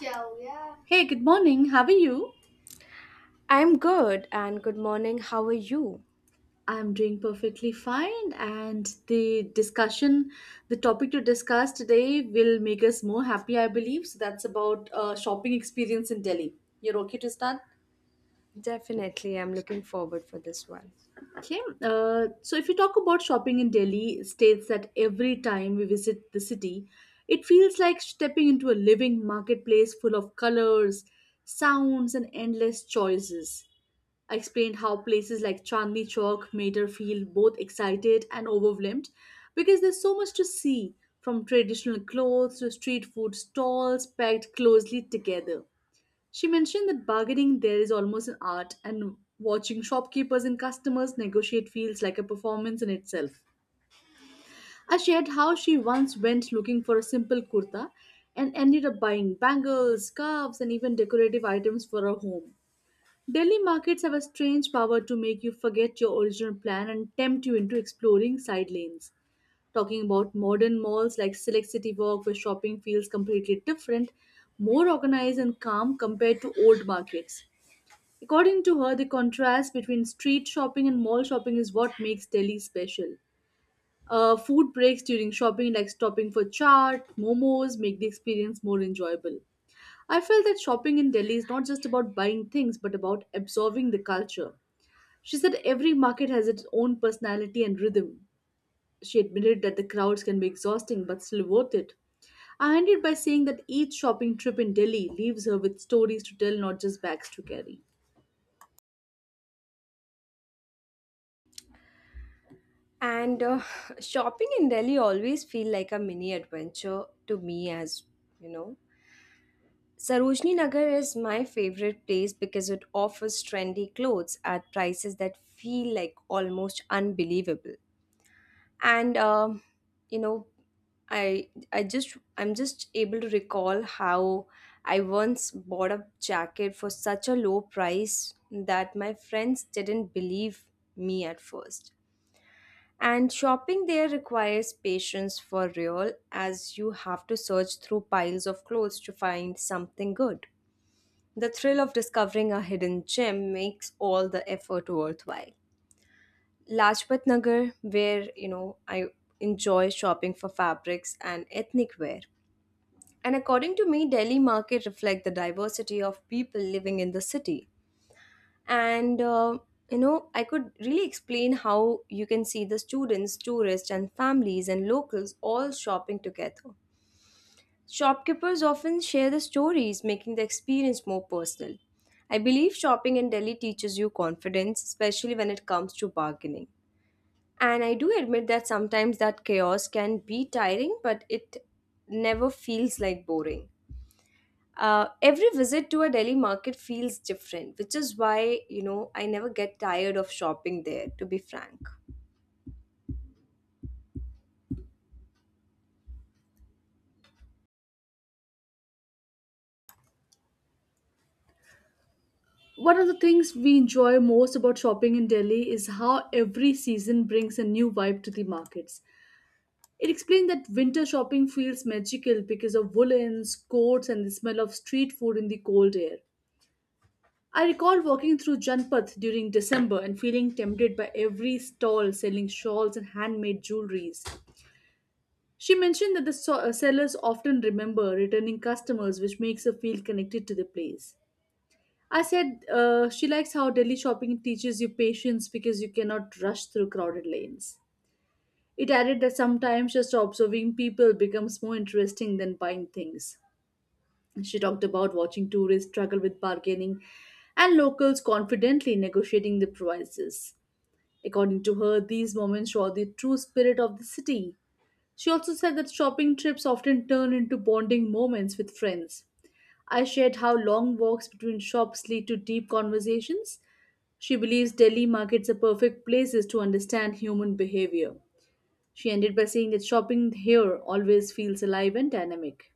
Ciao, yeah. Hey, good morning. How are you? I'm good and good morning. How are you? I'm doing perfectly fine, and the discussion, the topic to discuss today will make us more happy, I believe. So, that's about shopping experience in Delhi. You're okay to start? Definitely, I'm looking forward for this one. Okay. If you talk about shopping in Delhi, states that every time we visit the city, it feels like stepping into a living marketplace full of colors, sounds, and endless choices. I explained how places like Chandni Chowk made her feel both excited and overwhelmed because there's so much to see from traditional clothes to street food stalls packed closely together. She mentioned that bargaining there is almost an art and watching shopkeepers and customers negotiate feels like a performance in itself. I shared how she once went looking for a simple kurta and ended up buying bangles, scarves, and even decorative items for her home. Delhi markets have a strange power to make you forget your original plan and tempt you into exploring side lanes. Talking about modern malls like Select City Walk, where shopping feels completely different, more organized and calm compared to old markets. According to her, the contrast between street shopping and mall shopping is what makes Delhi special. Food breaks during shopping, like stopping for chaat, momos, make the experience more enjoyable. I felt that shopping in Delhi is not just about buying things, but about absorbing the culture. She said every market has its own personality and rhythm. She admitted that the crowds can be exhausting but still worth it. I ended by saying that each shopping trip in Delhi leaves her with stories to tell, not just bags to carry. And shopping in Delhi always feel like a mini adventure to me as, you know. Sarojini Nagar is my favorite place because it offers trendy clothes at prices that feel like almost unbelievable. And you know I just I'm just able to recall how I once bought a jacket for such a low price that my friends didn't believe me at first. And shopping there requires patience for real, as you have to search through piles of clothes to find something good. The thrill of discovering a hidden gem makes all the effort worthwhile. Lajpat Nagar, where I enjoy shopping for fabrics and ethnic wear. And according to me, Delhi market reflect the diversity of people living in the city. And uh, I could really explain how you can see the students, tourists, and families and locals all shopping together. Shopkeepers often share the stories, making the experience more personal. I believe shopping in Delhi teaches you confidence, especially when it comes to bargaining. And I do admit that sometimes that chaos can be tiring, but it never feels like boring. Every visit to a Delhi market feels different, which is why, I never get tired of shopping there, to be frank. One of the things we enjoy most about shopping in Delhi is how every season brings a new vibe to the markets. It explained that winter shopping feels magical because of woolens, coats, and the smell of street food in the cold air. I recall walking through Janpath during December and feeling tempted by every stall selling shawls and handmade jewelries. She mentioned that the sellers often remember returning customers, which makes her feel connected to the place. I said she likes how Delhi shopping teaches you patience because you cannot rush through crowded lanes. It added that sometimes just observing people becomes more interesting than buying things. She talked about watching tourists struggle with bargaining and locals confidently negotiating the prices. According to her, these moments show the true spirit of the city. She also said that shopping trips often turn into bonding moments with friends. I shared how long walks between shops lead to deep conversations. She believes Delhi markets are perfect places to understand human behavior. She ended by saying that shopping here always feels alive and dynamic.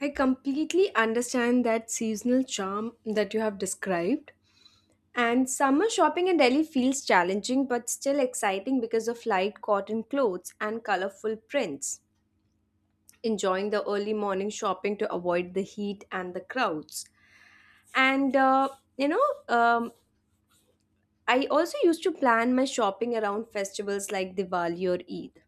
I completely understand that seasonal charm that you have described. And summer shopping in Delhi feels challenging but still exciting because of light cotton clothes and colorful prints. Enjoying the early morning shopping to avoid the heat and the crowds. And you know I also used to plan my shopping around festivals like Diwali or Eid.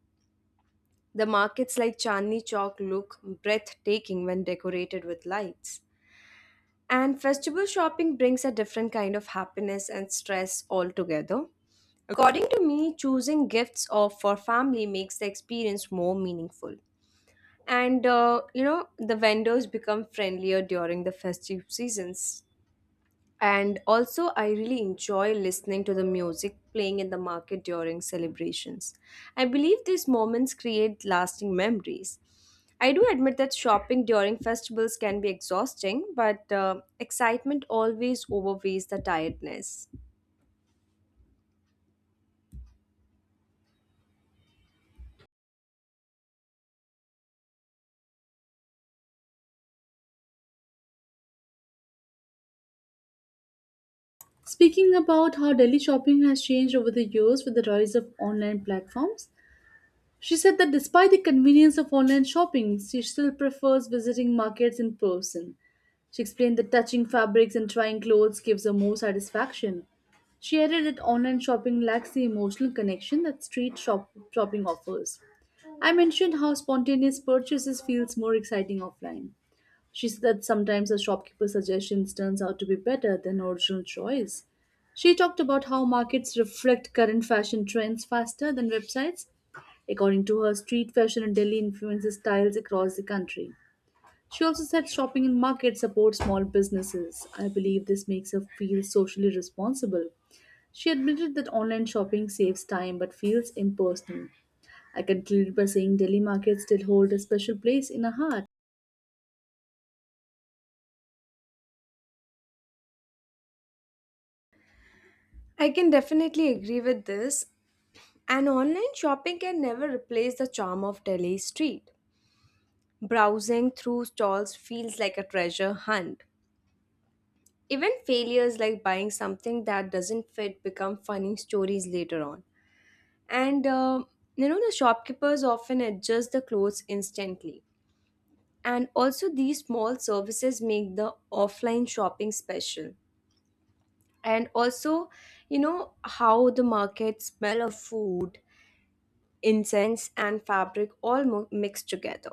The markets like Chandni Chowk look breathtaking when decorated with lights, and festival shopping brings a different kind of happiness and stress altogether. According to me, choosing gifts or for family makes the experience more meaningful. The vendors become friendlier during the festive seasons. And also, I really enjoy listening to the music playing in the market during celebrations. I believe these moments create lasting memories. I do admit that shopping during festivals can be exhausting, but excitement always overweighs the tiredness. Speaking about how daily shopping has changed over the years with the rise of online platforms, she said that despite the convenience of online shopping, she still prefers visiting markets in person. She explained that touching fabrics and trying clothes gives her more satisfaction. She added that online shopping lacks the emotional connection that street shopping offers. I mentioned how spontaneous purchases feels more exciting offline. She said sometimes a shopkeeper's suggestions turns out to be better than original choice. She talked about how markets reflect current fashion trends faster than websites. According to her, street fashion in Delhi influences styles across the country. She also said shopping in markets supports small businesses. I believe this makes her feel socially responsible. She admitted that online shopping saves time but feels impersonal. I concluded by saying Delhi markets still hold a special place in her heart. I can definitely agree with this, and online shopping can never replace the charm of Delhi street. Browsing through stalls feels like a treasure hunt. Even failures like buying something that doesn't fit become funny stories later on. And uh, the shopkeepers often adjust the clothes instantly. And also, these small services make the offline shopping special. And also, how the market smell of food, incense, and fabric all mixed together.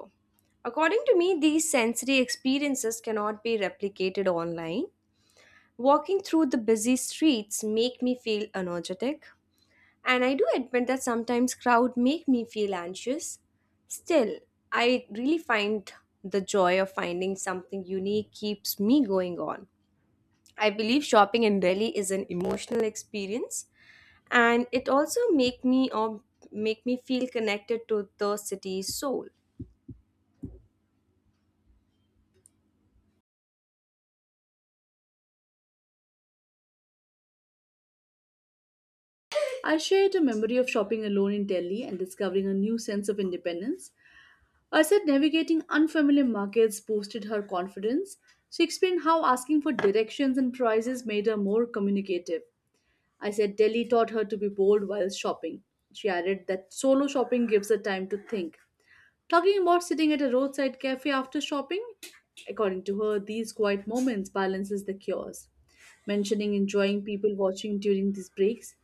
According to me, these sensory experiences cannot be replicated online. Walking through the busy streets make me feel energetic, and I do admit that sometimes crowd make me feel anxious. Still, I really find the joy of finding something unique keeps me going on. I believe shopping in Delhi is an emotional experience, and it also make me feel connected to the city's soul. I shared a memory of shopping alone in Delhi and discovering a new sense of independence. I said navigating unfamiliar markets boosted her confidence. She explained how asking for directions and prices made her more communicative. I said Delhi taught her to be bold while shopping. She added that solo shopping gives her time to think. Talking about sitting at a roadside cafe after shopping, according to her, these quiet moments balances the chaos mentioning enjoying people watching during these breaks.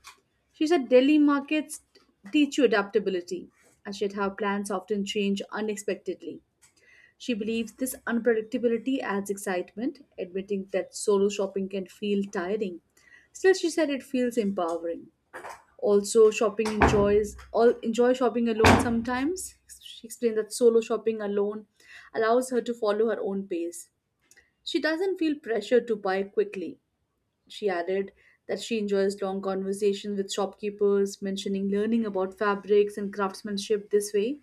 She said Delhi markets teach you adaptability and shared how plans often change unexpectedly. She believes this unpredictability adds excitement, admitting that solo shopping can feel tiring. Still, she said it feels empowering. Also, shopping enjoys all enjoy shopping alone sometimes. She explained that solo shopping alone allows her to follow her own pace. She doesn't feel pressure to buy quickly. She added that she enjoys long conversations with shopkeepers, mentioning learning about fabrics and craftsmanship this way.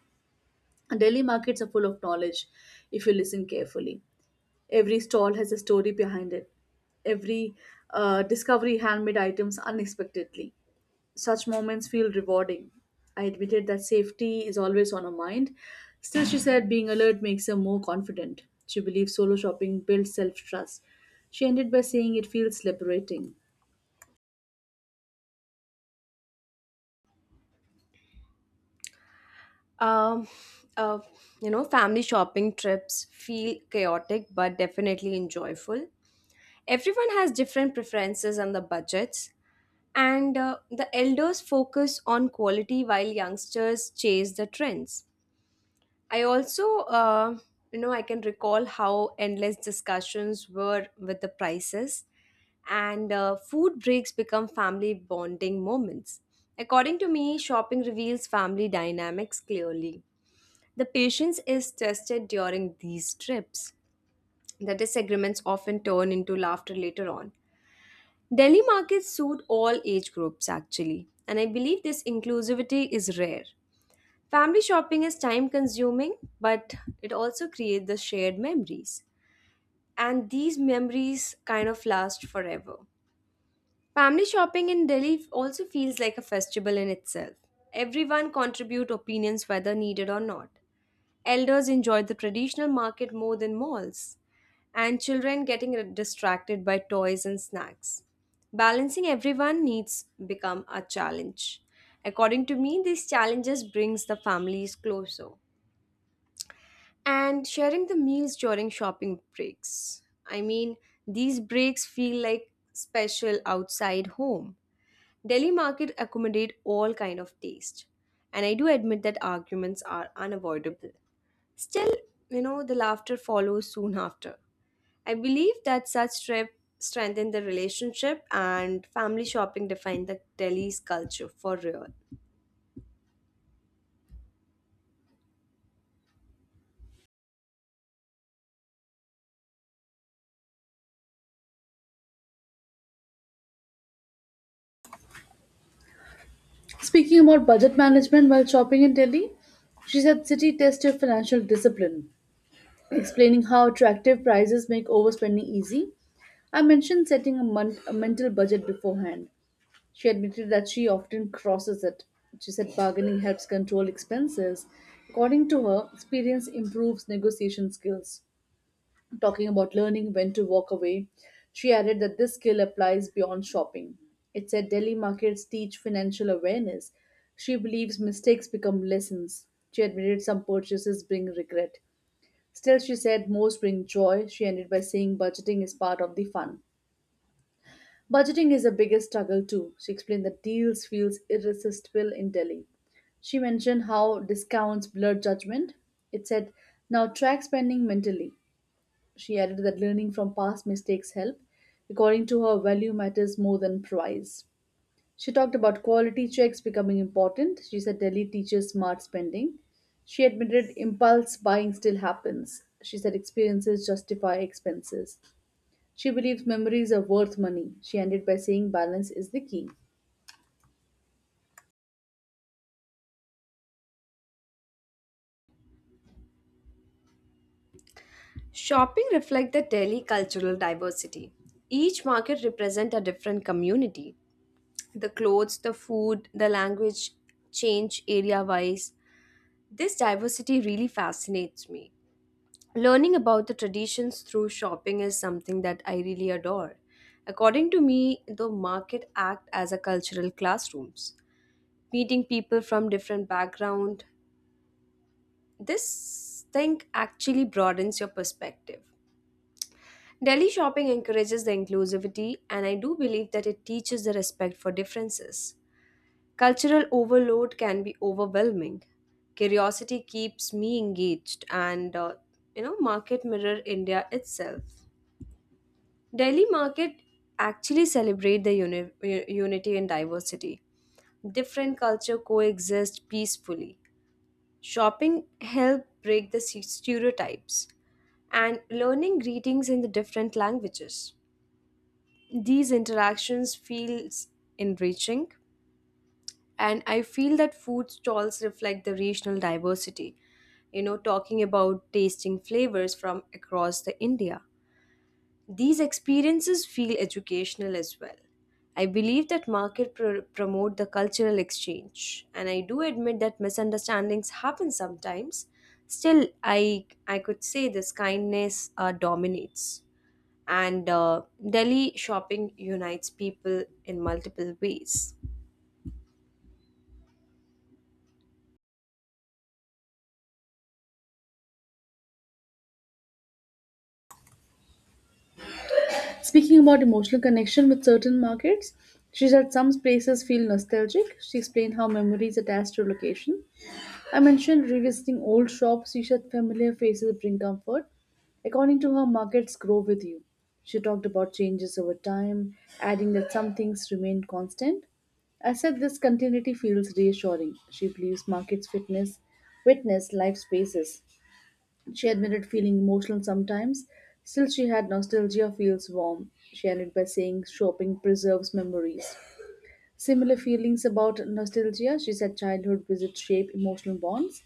And Delhi markets are full of knowledge if you listen carefully. Every stall has a story behind it. Every discovery handmade items unexpectedly. Such moments feel rewarding. I admitted that safety is always on her mind. Still, she said being alert makes her more confident. She believes solo shopping builds self trust. She ended by saying it feels liberating. Um, uh, family shopping trips feel chaotic but definitely enjoyable. Everyone has different preferences and the budgets, and the elders focus on quality while youngsters chase the trends. I also, you know, I can recall how endless discussions were with the prices, and food breaks become family bonding moments. According to me, shopping reveals family dynamics clearly. The patience is tested during these trips. The disagreements often turn into laughter later on. Delhi markets suit all age groups actually, and I believe this inclusivity is rare. Family shopping is time consuming, but it also creates the shared memories. And these memories kind of last forever. Family shopping in Delhi also feels like a festival in itself. Everyone contribute opinions whether needed or not. Elders enjoyed the traditional market more than malls, and children getting distracted by toys and snacks. Balancing everyone needs become a challenge. According to me, these challenges brings the families closer. And sharing the meals during shopping breaks. I mean, these breaks feel like special outside home. Delhi market accommodate all kind of taste. And I do admit that arguments are unavoidable. Still, the laughter follows soon after. I believe that such trip strengthen the relationship, and family shopping define the Delhi's culture for real. Speaking about budget management while shopping in Delhi, she said city tests your financial discipline, explaining how attractive prices make overspending easy. I mentioned setting a mental budget beforehand. She admitted that she often crosses it. She said bargaining helps control expenses. According to her, experience improves negotiation skills. Talking about learning when to walk away, she added that this skill applies beyond shopping. It said Delhi markets teach financial awareness. She believes mistakes become lessons. She admitted some purchases bring regret. Still, she said most bring joy. She ended by saying budgeting is part of the fun. Budgeting is the biggest struggle too. She explained that deals feels irresistible in Delhi. She mentioned how discounts blur judgment. It said, now track spending mentally. She added that learning from past mistakes help. According to her, value matters more than price. She talked about quality checks becoming important. She said Delhi teaches smart spending. She admitted impulse buying still happens. She said experiences justify expenses. She believes memories are worth money. She ended by saying balance is the key. Shopping reflects the Delhi cultural diversity. Each market represents a different community. The clothes, the food, the language change area wise. This diversity really fascinates me. Learning about the traditions through shopping is something that I really adore. According to me, the market act as a cultural classrooms. Meeting people from different background, this thing actually broadens your perspective. Delhi shopping encourages the inclusivity, and I do believe that it teaches the respect for differences. Cultural overload can be overwhelming. Curiosity keeps me engaged, and market mirror India itself. Delhi market actually celebrate the unity and diversity. Different culture coexist peacefully. Shopping help break the stereotypes and learning greetings in the different languages. These interactions feels enriching, and I feel that food stalls reflect the regional diversity. Talking about tasting flavors from across the India. These experiences feel educational as well. I believe that market promote the cultural exchange, and I do admit that misunderstandings happen sometimes. Still, I could say this kindness dominates, and Delhi shopping unites people in multiple ways. Speaking about emotional connection with certain markets, she said some places feel nostalgic. She explained how memories attach to location. I mentioned revisiting old shops. She said familiar faces bring comfort. According to her, markets grow with you. She talked about changes over time, adding that some things remain constant. I said this continuity feels reassuring. She believes markets fitness witness life spaces. She admitted feeling emotional sometimes. Still, she had nostalgia feels warm. She ended by saying shopping preserves memories. Similar feelings about nostalgia, she said childhood visits shape emotional bonds.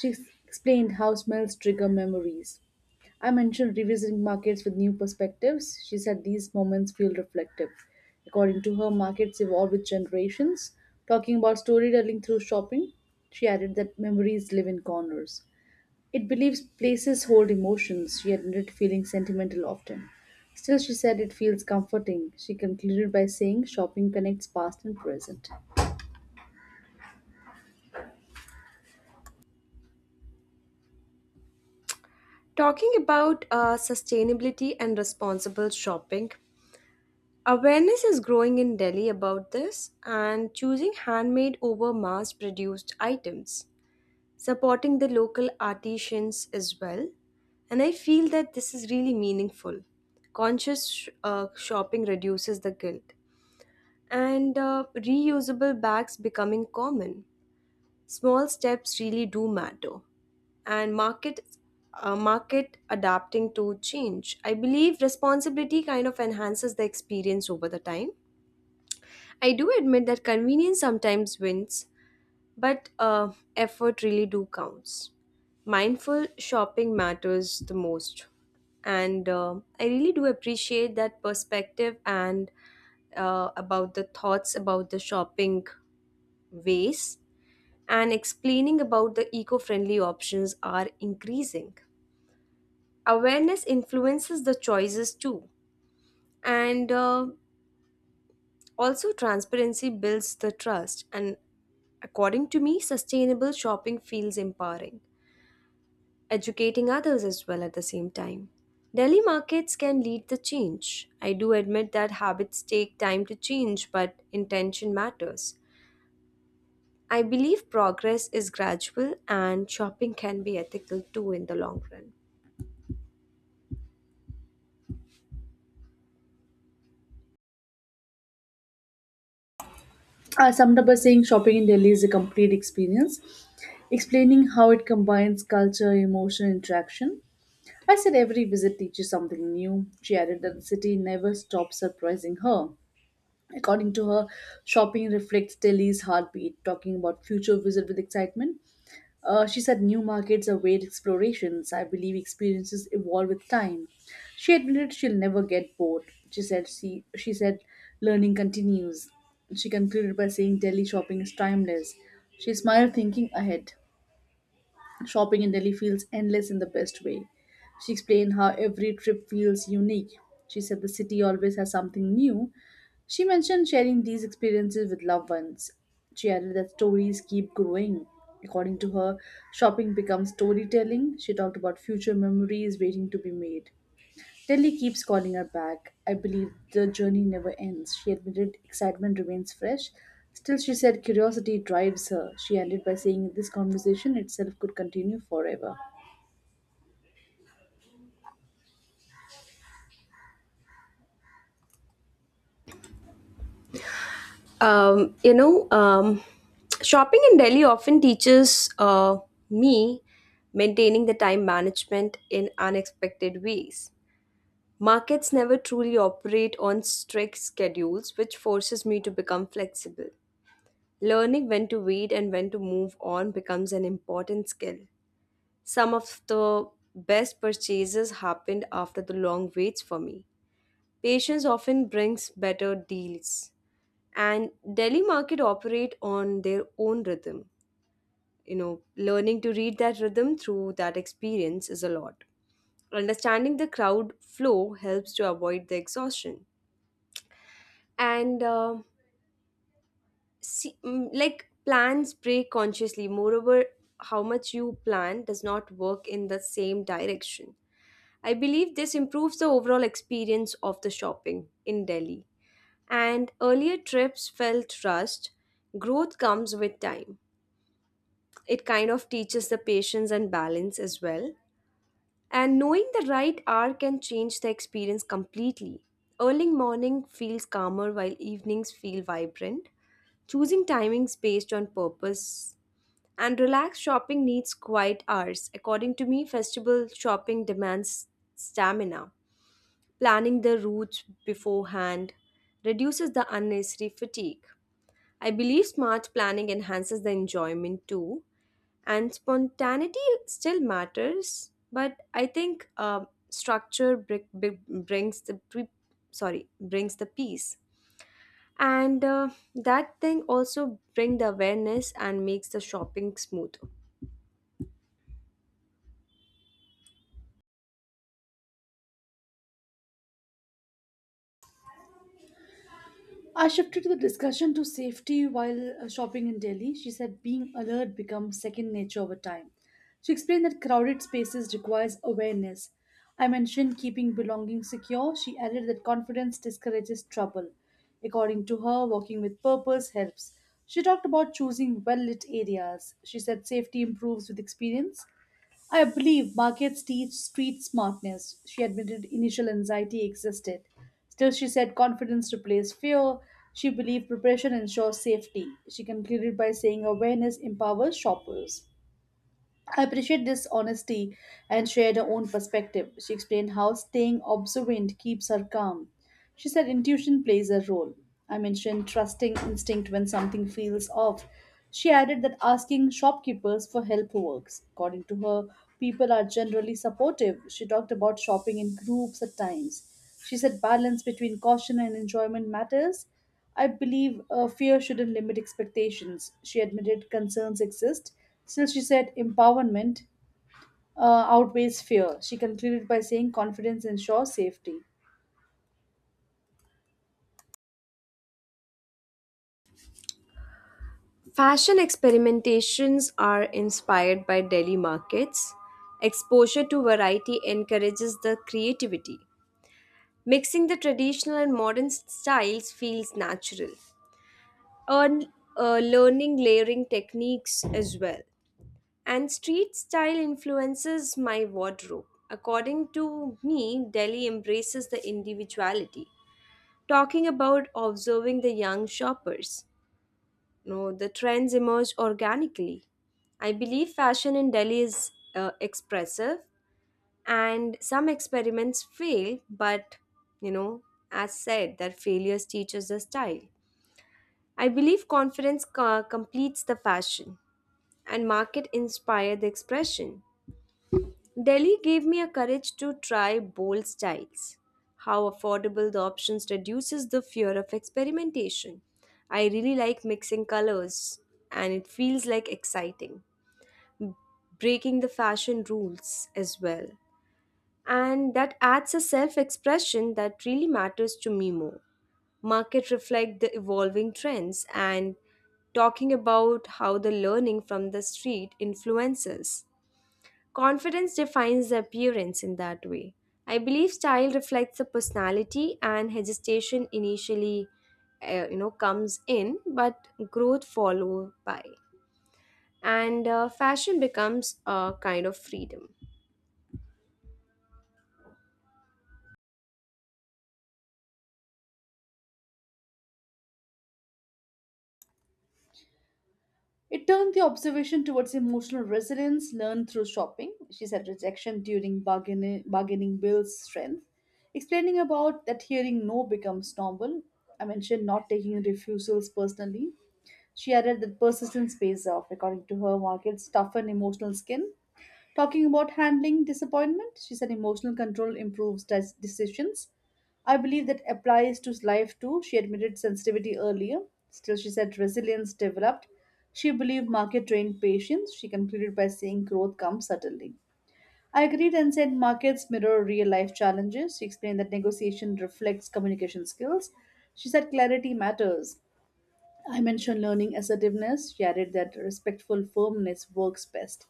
She ex- explained how smells trigger memories. I mentioned revisiting markets with new perspectives. She said these moments feel reflective. According to her, markets evolve with generations. Talking about storytelling through shopping, she added that memories live in corners. It believes places hold emotions. She admitted feeling sentimental often. Still, she said it feels comforting. She concluded by saying shopping connects past and present. Talking about sustainability and responsible shopping, awareness is growing in Delhi about this, and choosing handmade over mass produced items, supporting the local artisans as well. And I feel that this is really meaningful. Conscious shopping reduces the guilt, and reusable bags becoming common. Small steps really do matter, and market adapting to change. I believe responsibility kind of enhances the experience over the time. I do admit that convenience sometimes wins, but effort really do counts. Mindful shopping matters the most, and I really do appreciate that perspective and about the thoughts about the shopping ways, and explaining about the eco-friendly options are increasing. Awareness influences the choices too, and also transparency builds the trust. And according to me, sustainable shopping feels empowering, educating others as well at the same time. Delhi markets can lead the change. I do admit that habits take time to change, but intention matters. I believe progress is gradual, and shopping can be ethical too in the long run. Summed saying shopping in Delhi is a complete experience, explaining how it combines culture, emotion, interaction. I said every visit teaches something new. She added that the city never stops surprising her. According to her, shopping reflects Delhi's heartbeat, talking about future visit with excitement. She said new markets await explorations. I believe experiences evolve with time. She admitted she'll never get bored. She said learning continues. She concluded by saying Delhi shopping is timeless. She smiled thinking ahead. Shopping in Delhi feels endless in the best way. She explained how every trip feels unique. She said the city always has something new. She mentioned sharing these experiences with loved ones. She added that stories keep growing. According to her, shopping becomes storytelling. She talked about future memories waiting to be made. Telly keeps calling her back. I believe the journey never ends. She admitted excitement remains fresh. Still, she said curiosity drives her. She ended by saying this conversation itself could continue forever. Um, you know, um, shopping in Delhi often teaches me maintaining the time management in unexpected ways. Markets never truly operate on strict schedules, which forces me to become flexible. Learning when to wait and when to move on becomes an important skill. Some of the best purchases happened after the long waits for me. Patience often brings better deals, and Delhi market operate on their own rhythm. You know, learning to read that rhythm through that experience is a lot. Understanding the crowd flow helps to avoid the exhaustion. and uh, like plans break consciously. Moreover, how much you plan does not work in the same direction. I believe this improves the overall experience of the shopping in Delhi, and earlier trips felt rushed. Growth comes with time. It kind of teaches the patience and balance as well, and knowing the right hour can change the experience completely. Early morning feels calmer while evenings feel vibrant. Choosing timings based on purpose, and relaxed shopping needs quiet hours. According to me, festival shopping demands stamina. Planning the routes beforehand reduces the unnecessary fatigue. I believe smart planning enhances the enjoyment too, and spontaneity still matters. But I think structure brings the pre- sorry brings the peace, and that thing also bring the awareness and makes the shopping smoother. I shifted the discussion to safety while shopping in Delhi. She said being alert becomes second nature over time. She explained that crowded spaces requires awareness. I mentioned keeping belongings secure. She added that confidence discourages trouble. According to her, walking with purpose helps. She talked about choosing well lit areas. She said safety improves with experience. I believe markets teach street smartness. She admitted initial anxiety existed. Still, she said confidence replaced fear. She believed preparation ensures safety. She concluded by saying awareness empowers shoppers. I appreciate this honesty and shared her own perspective. She explained how staying observant keeps her calm. She said intuition plays a role. I mentioned trusting instinct when something feels off. She added that asking shopkeepers for help works. According to her, people are generally supportive. She talked about shopping in groups at times. She said balance between caution and enjoyment matters. I believe fear shouldn't limit expectations. She admitted concerns exist. Still, she said empowerment outweighs fear. She concluded by saying confidence ensures safety. Fashion experimentations are inspired by Delhi markets. Exposure to variety encourages the creativity. Mixing the traditional and modern styles feels natural. Earn, Learning layering techniques as well, and street style influences my wardrobe. According to me, Delhi embraces the individuality. Talking about observing the young shoppers. You know, the trends emerge organically. I believe fashion in Delhi is expressive, and some experiments fail, but you know, as said, that failures teaches the style. I believe confidence completes the fashion, and market inspire the expression. Delhi gave me a courage to try bold styles. How affordable the options reduces the fear of experimentation. I really like mixing colors, and it feels like exciting. Breaking the fashion rules as well. And that adds a self expression that really matters to me more. Market reflect the evolving trends, and talking about how the learning from the street influences. Confidence defines the appearance in that way. I believe style reflects the personality, and hesitation initially comes in, but growth follow by, and fashion becomes a kind of freedom. It turned the observation towards emotional resilience learned through shopping. She said rejection during bargaining builds strength. Explaining about that hearing no becomes normal. I mentioned not taking refusals personally. She added that persistence pays off. According to her, markets toughen emotional skin. Talking about handling disappointment, she said emotional control improves decisions. I believe that applies to life too. She admitted sensitivity earlier. Still, she said resilience developed. She believed market trained patience. She concluded by saying growth comes suddenly. I agreed and said markets mirror real life challenges. She explained that negotiation reflects communication skills. She said clarity matters. I mentioned learning assertiveness. She added that respectful firmness works best.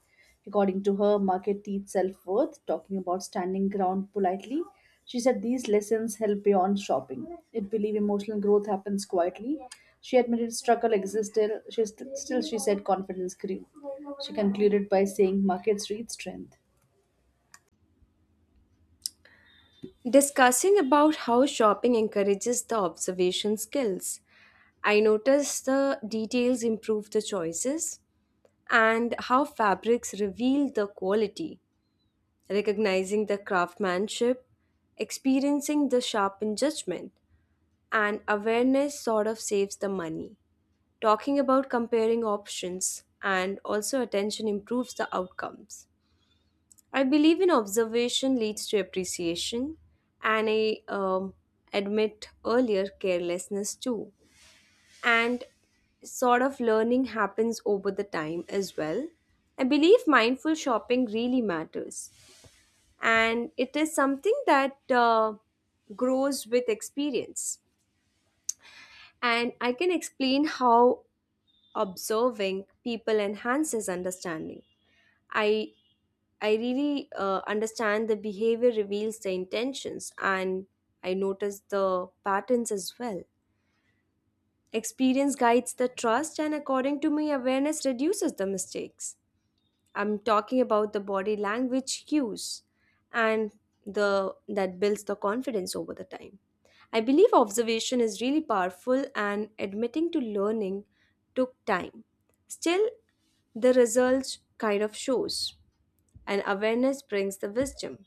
According to her, market teach self worth, talking about standing ground politely. She said these lessons help beyond shopping. It believe emotional growth happens quietly. She admitted struggle existed. Still she said confidence grew. She concluded by saying markets read strength. Discussing about how shopping encourages the observation skills. I noticed the details improve the choices, and how fabrics reveal the quality, recognizing the craftsmanship, experiencing the sharpened judgment, and awareness sort of saves the money. Talking about comparing options, and also attention improves the outcomes. I believe in observation leads to appreciation, and I admit earlier carelessness too. And sort of learning happens over the time as well. I believe mindful shopping really matters, and it is something that grows with experience. And I can explain how observing people enhances understanding. I I really understand the behavior reveals the intentions, and I notice the patterns as well. Experience guides the trust, and according to me, awareness reduces the mistakes. I'm talking about the body language cues, and the that builds the confidence over the time. I believe observation is really powerful, and admitting to learning took time. Still, the results kind of shows, and awareness brings the wisdom.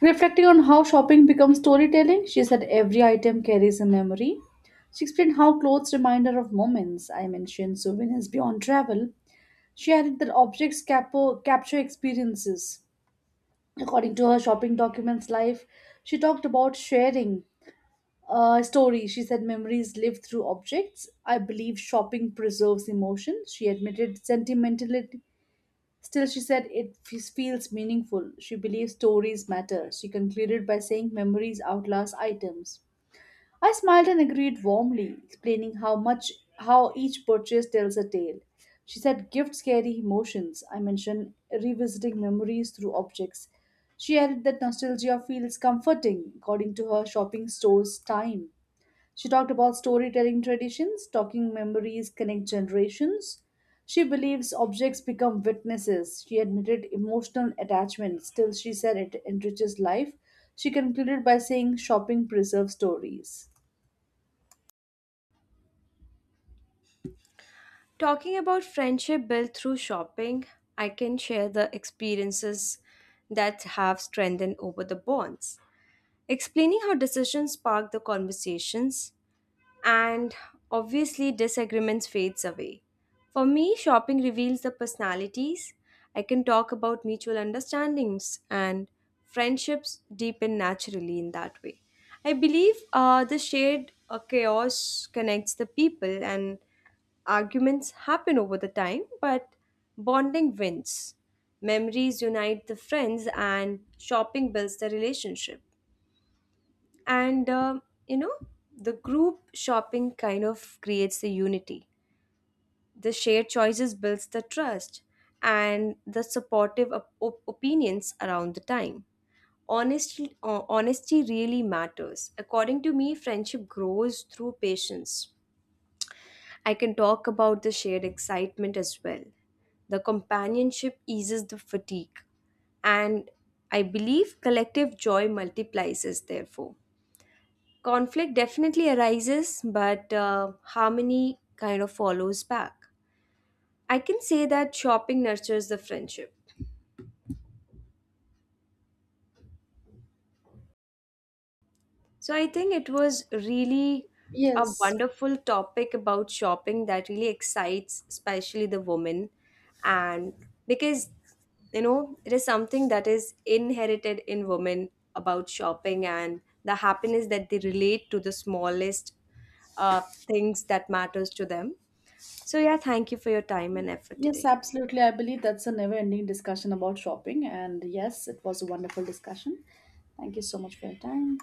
Reflecting on how shopping becomes storytelling, she said every item carries a memory. She explained how clothes remind her of moments. I mentioned souvenirs beyond travel. She added that objects capture experiences. According to her shopping documents life, she talked about sharing a story. She said memories live through objects. I believe shopping preserves emotion. She admitted sentimentality. Still, she said it feels meaningful. She believes stories matter. She concluded by saying memories outlast items. I smiled and agreed warmly, explaining how each purchase tells a tale. She said gifts carry emotions. I mentioned revisiting memories through objects. She added that nostalgia feels comforting according to her shopping store's time. She talked about storytelling traditions, talking memories connect generations. She believes objects become witnesses. She admitted emotional attachment, still, she said it enriches life. She concluded by saying shopping preserves stories. Talking about friendship built through shopping, I can share the experiences that have strengthened over the bonds. Explaining how decisions spark the conversations, and obviously disagreements fades away. For me, shopping reveals the personalities. I can talk about mutual understandings, and friendships deepen naturally in that way. I believe the shared chaos connects the people, and arguments happen over the time, but bonding wins. Memories unite the friends, and shopping builds the relationship, and you know the group shopping kind of creates the unity. The shared choices builds the trust, and the supportive opinions around the time, honestly honesty really matters. According to me, friendship grows through patience. I can talk about the shared excitement as well. The companionship eases the fatigue, and I believe collective joy multiplies. Therefore, conflict definitely arises, but harmony kind of follows back. I can say that shopping nurtures the friendship. So I think it was really a Yes, wonderful topic about shopping that really excites especially the women, and because you know it is something that is inherited in women about shopping, and the happiness that they relate to the smallest uh, things that matters to them. So, yeah, thank you for your time and effort yes, today. absolutely. I believe that's a never ending discussion about shopping. And yes, it was a wonderful discussion. Thank you so much for your time.